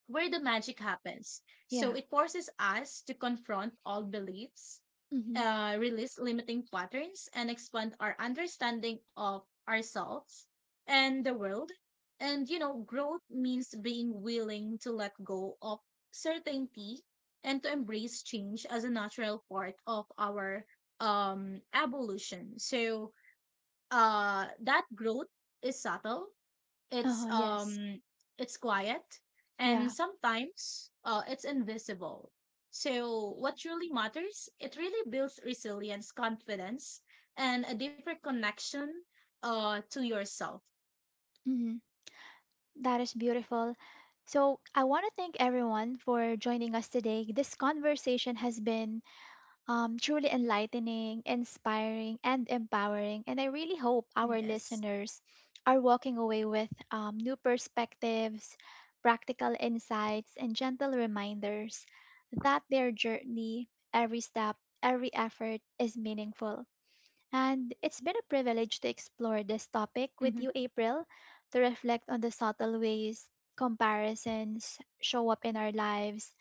where the magic happens. So yeah. it forces us to confront all beliefs, Mm-hmm. Release limiting patterns and expand our understanding of ourselves and the world. And, you know, growth means being willing to let go of certainty and to embrace change as a natural part of our evolution. So, that growth is subtle, it's Uh-huh, yes. um it's quiet and Yeah. sometimes it's invisible. So what truly matters, it really builds resilience, confidence, and a deeper connection to yourself. Mm-hmm. That is beautiful. So I want to thank everyone for joining us today. This conversation has been truly enlightening, inspiring, and empowering. And I really hope our Yes. listeners are walking away with new perspectives, practical insights, and gentle reminders that their journey, every step, every effort is meaningful. And it's been a privilege to explore this topic Mm-hmm. with you, April, to reflect on the subtle ways comparisons show up in our lives,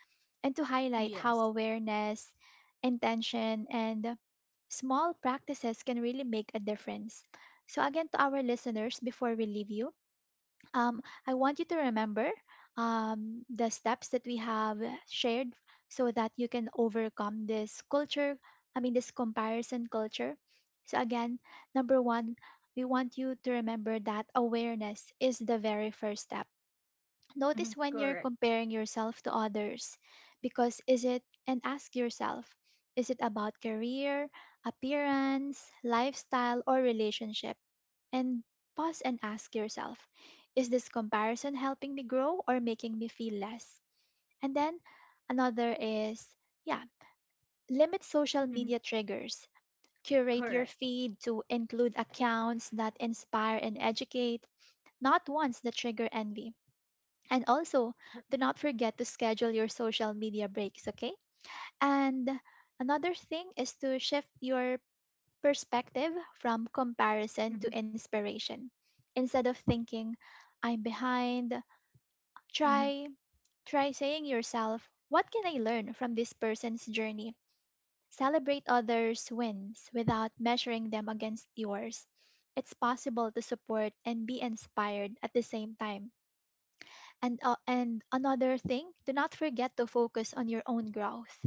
and to highlight how Yes. awareness, intention, and small practices can really make a difference. So, again, to our listeners, before we leave you, um, I want you to remember the steps that we have shared so that you can overcome this culture, I mean, this comparison culture. So, again, number one, we want you to remember that awareness is the very first step. Notice Mm-hmm. when you're Correct. comparing yourself to others, because is it, and ask yourself, is it about career, appearance, lifestyle, or relationship? And pause and ask yourself, is this comparison helping me grow or making me feel less? And then another is, yeah, limit social Mm-hmm. media triggers. Curate your Correct. feed to include accounts that inspire and educate, not ones that trigger envy. And also, do not forget to schedule your social media breaks, okay? And another thing is to shift your perspective from comparison Mm-hmm. to inspiration. Instead of thinking, I'm behind, Mm-hmm. try try saying yourself, what can I learn from this person's journey? Celebrate others' wins without measuring them against yours. It's possible to support and be inspired at the same time. And another thing, do not forget to focus on your own growth.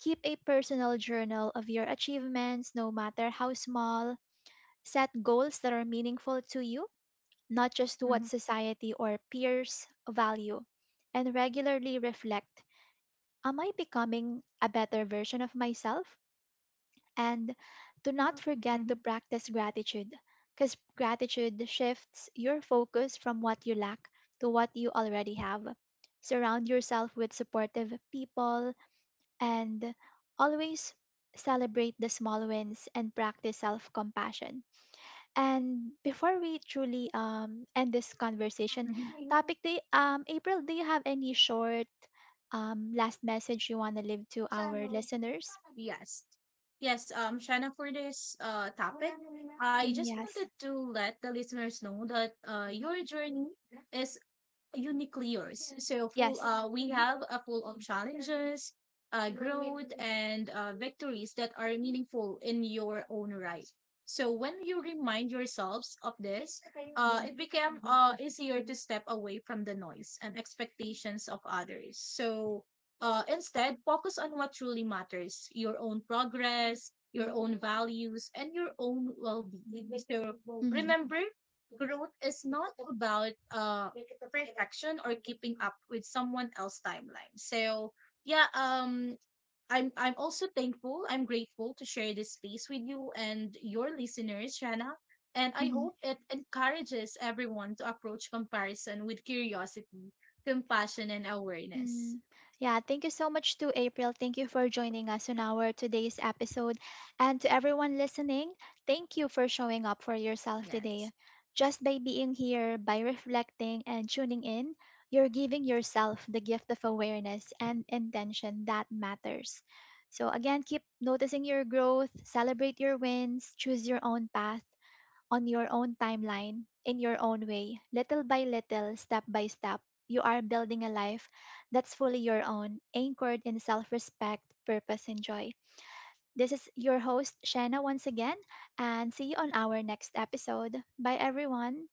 Keep a personal journal of your achievements, no matter how small. Set goals that are meaningful to you, not just what Mm-hmm. society or peers value, and regularly reflect: am I becoming a better version of myself? And do not forget Mm-hmm. to practice gratitude, because gratitude shifts your focus from what you lack to what you already have. Surround yourself with supportive people and always celebrate the small wins and practice self compassion, and before we truly end this conversation, Mm-hmm. topic day, April, do you have any short last message you want to leave to our Kasama. listeners? Yes. Yes, Shanna, for this topic, I Mm, just yes. wanted to let the listeners know that your journey is uniquely yours. So full, Yes. We Mm-hmm. have a full of challenges, growth, and victories that are meaningful in your own right. So when you remind yourselves of this, it became easier to step away from the noise and expectations of others. So instead, focus on what truly matters: your own progress, your own values, and your own well-being. So Mm-hmm. remember growth is not about perfection or keeping up with someone else's timeline. So yeah, I'm also thankful. I'm grateful to share this space with you and your listeners, Shanna. And I Mm-hmm. hope it encourages everyone to approach comparison with curiosity, compassion, and awareness. Mm. Yeah, thank you so much to April. Thank you for joining us on our today's episode. And to everyone listening, thank you for showing up for yourself Yes. today. Just by being here, by reflecting and tuning in, you're giving yourself the gift of awareness and intention that matters. So, again, keep noticing your growth, celebrate your wins, choose your own path, on your own timeline, in your own way, little by little, step by step, you are building a life that's fully your own, anchored in self respect, purpose, and joy. This is your host, Shanna, once again, and see you on our next episode. Bye, everyone.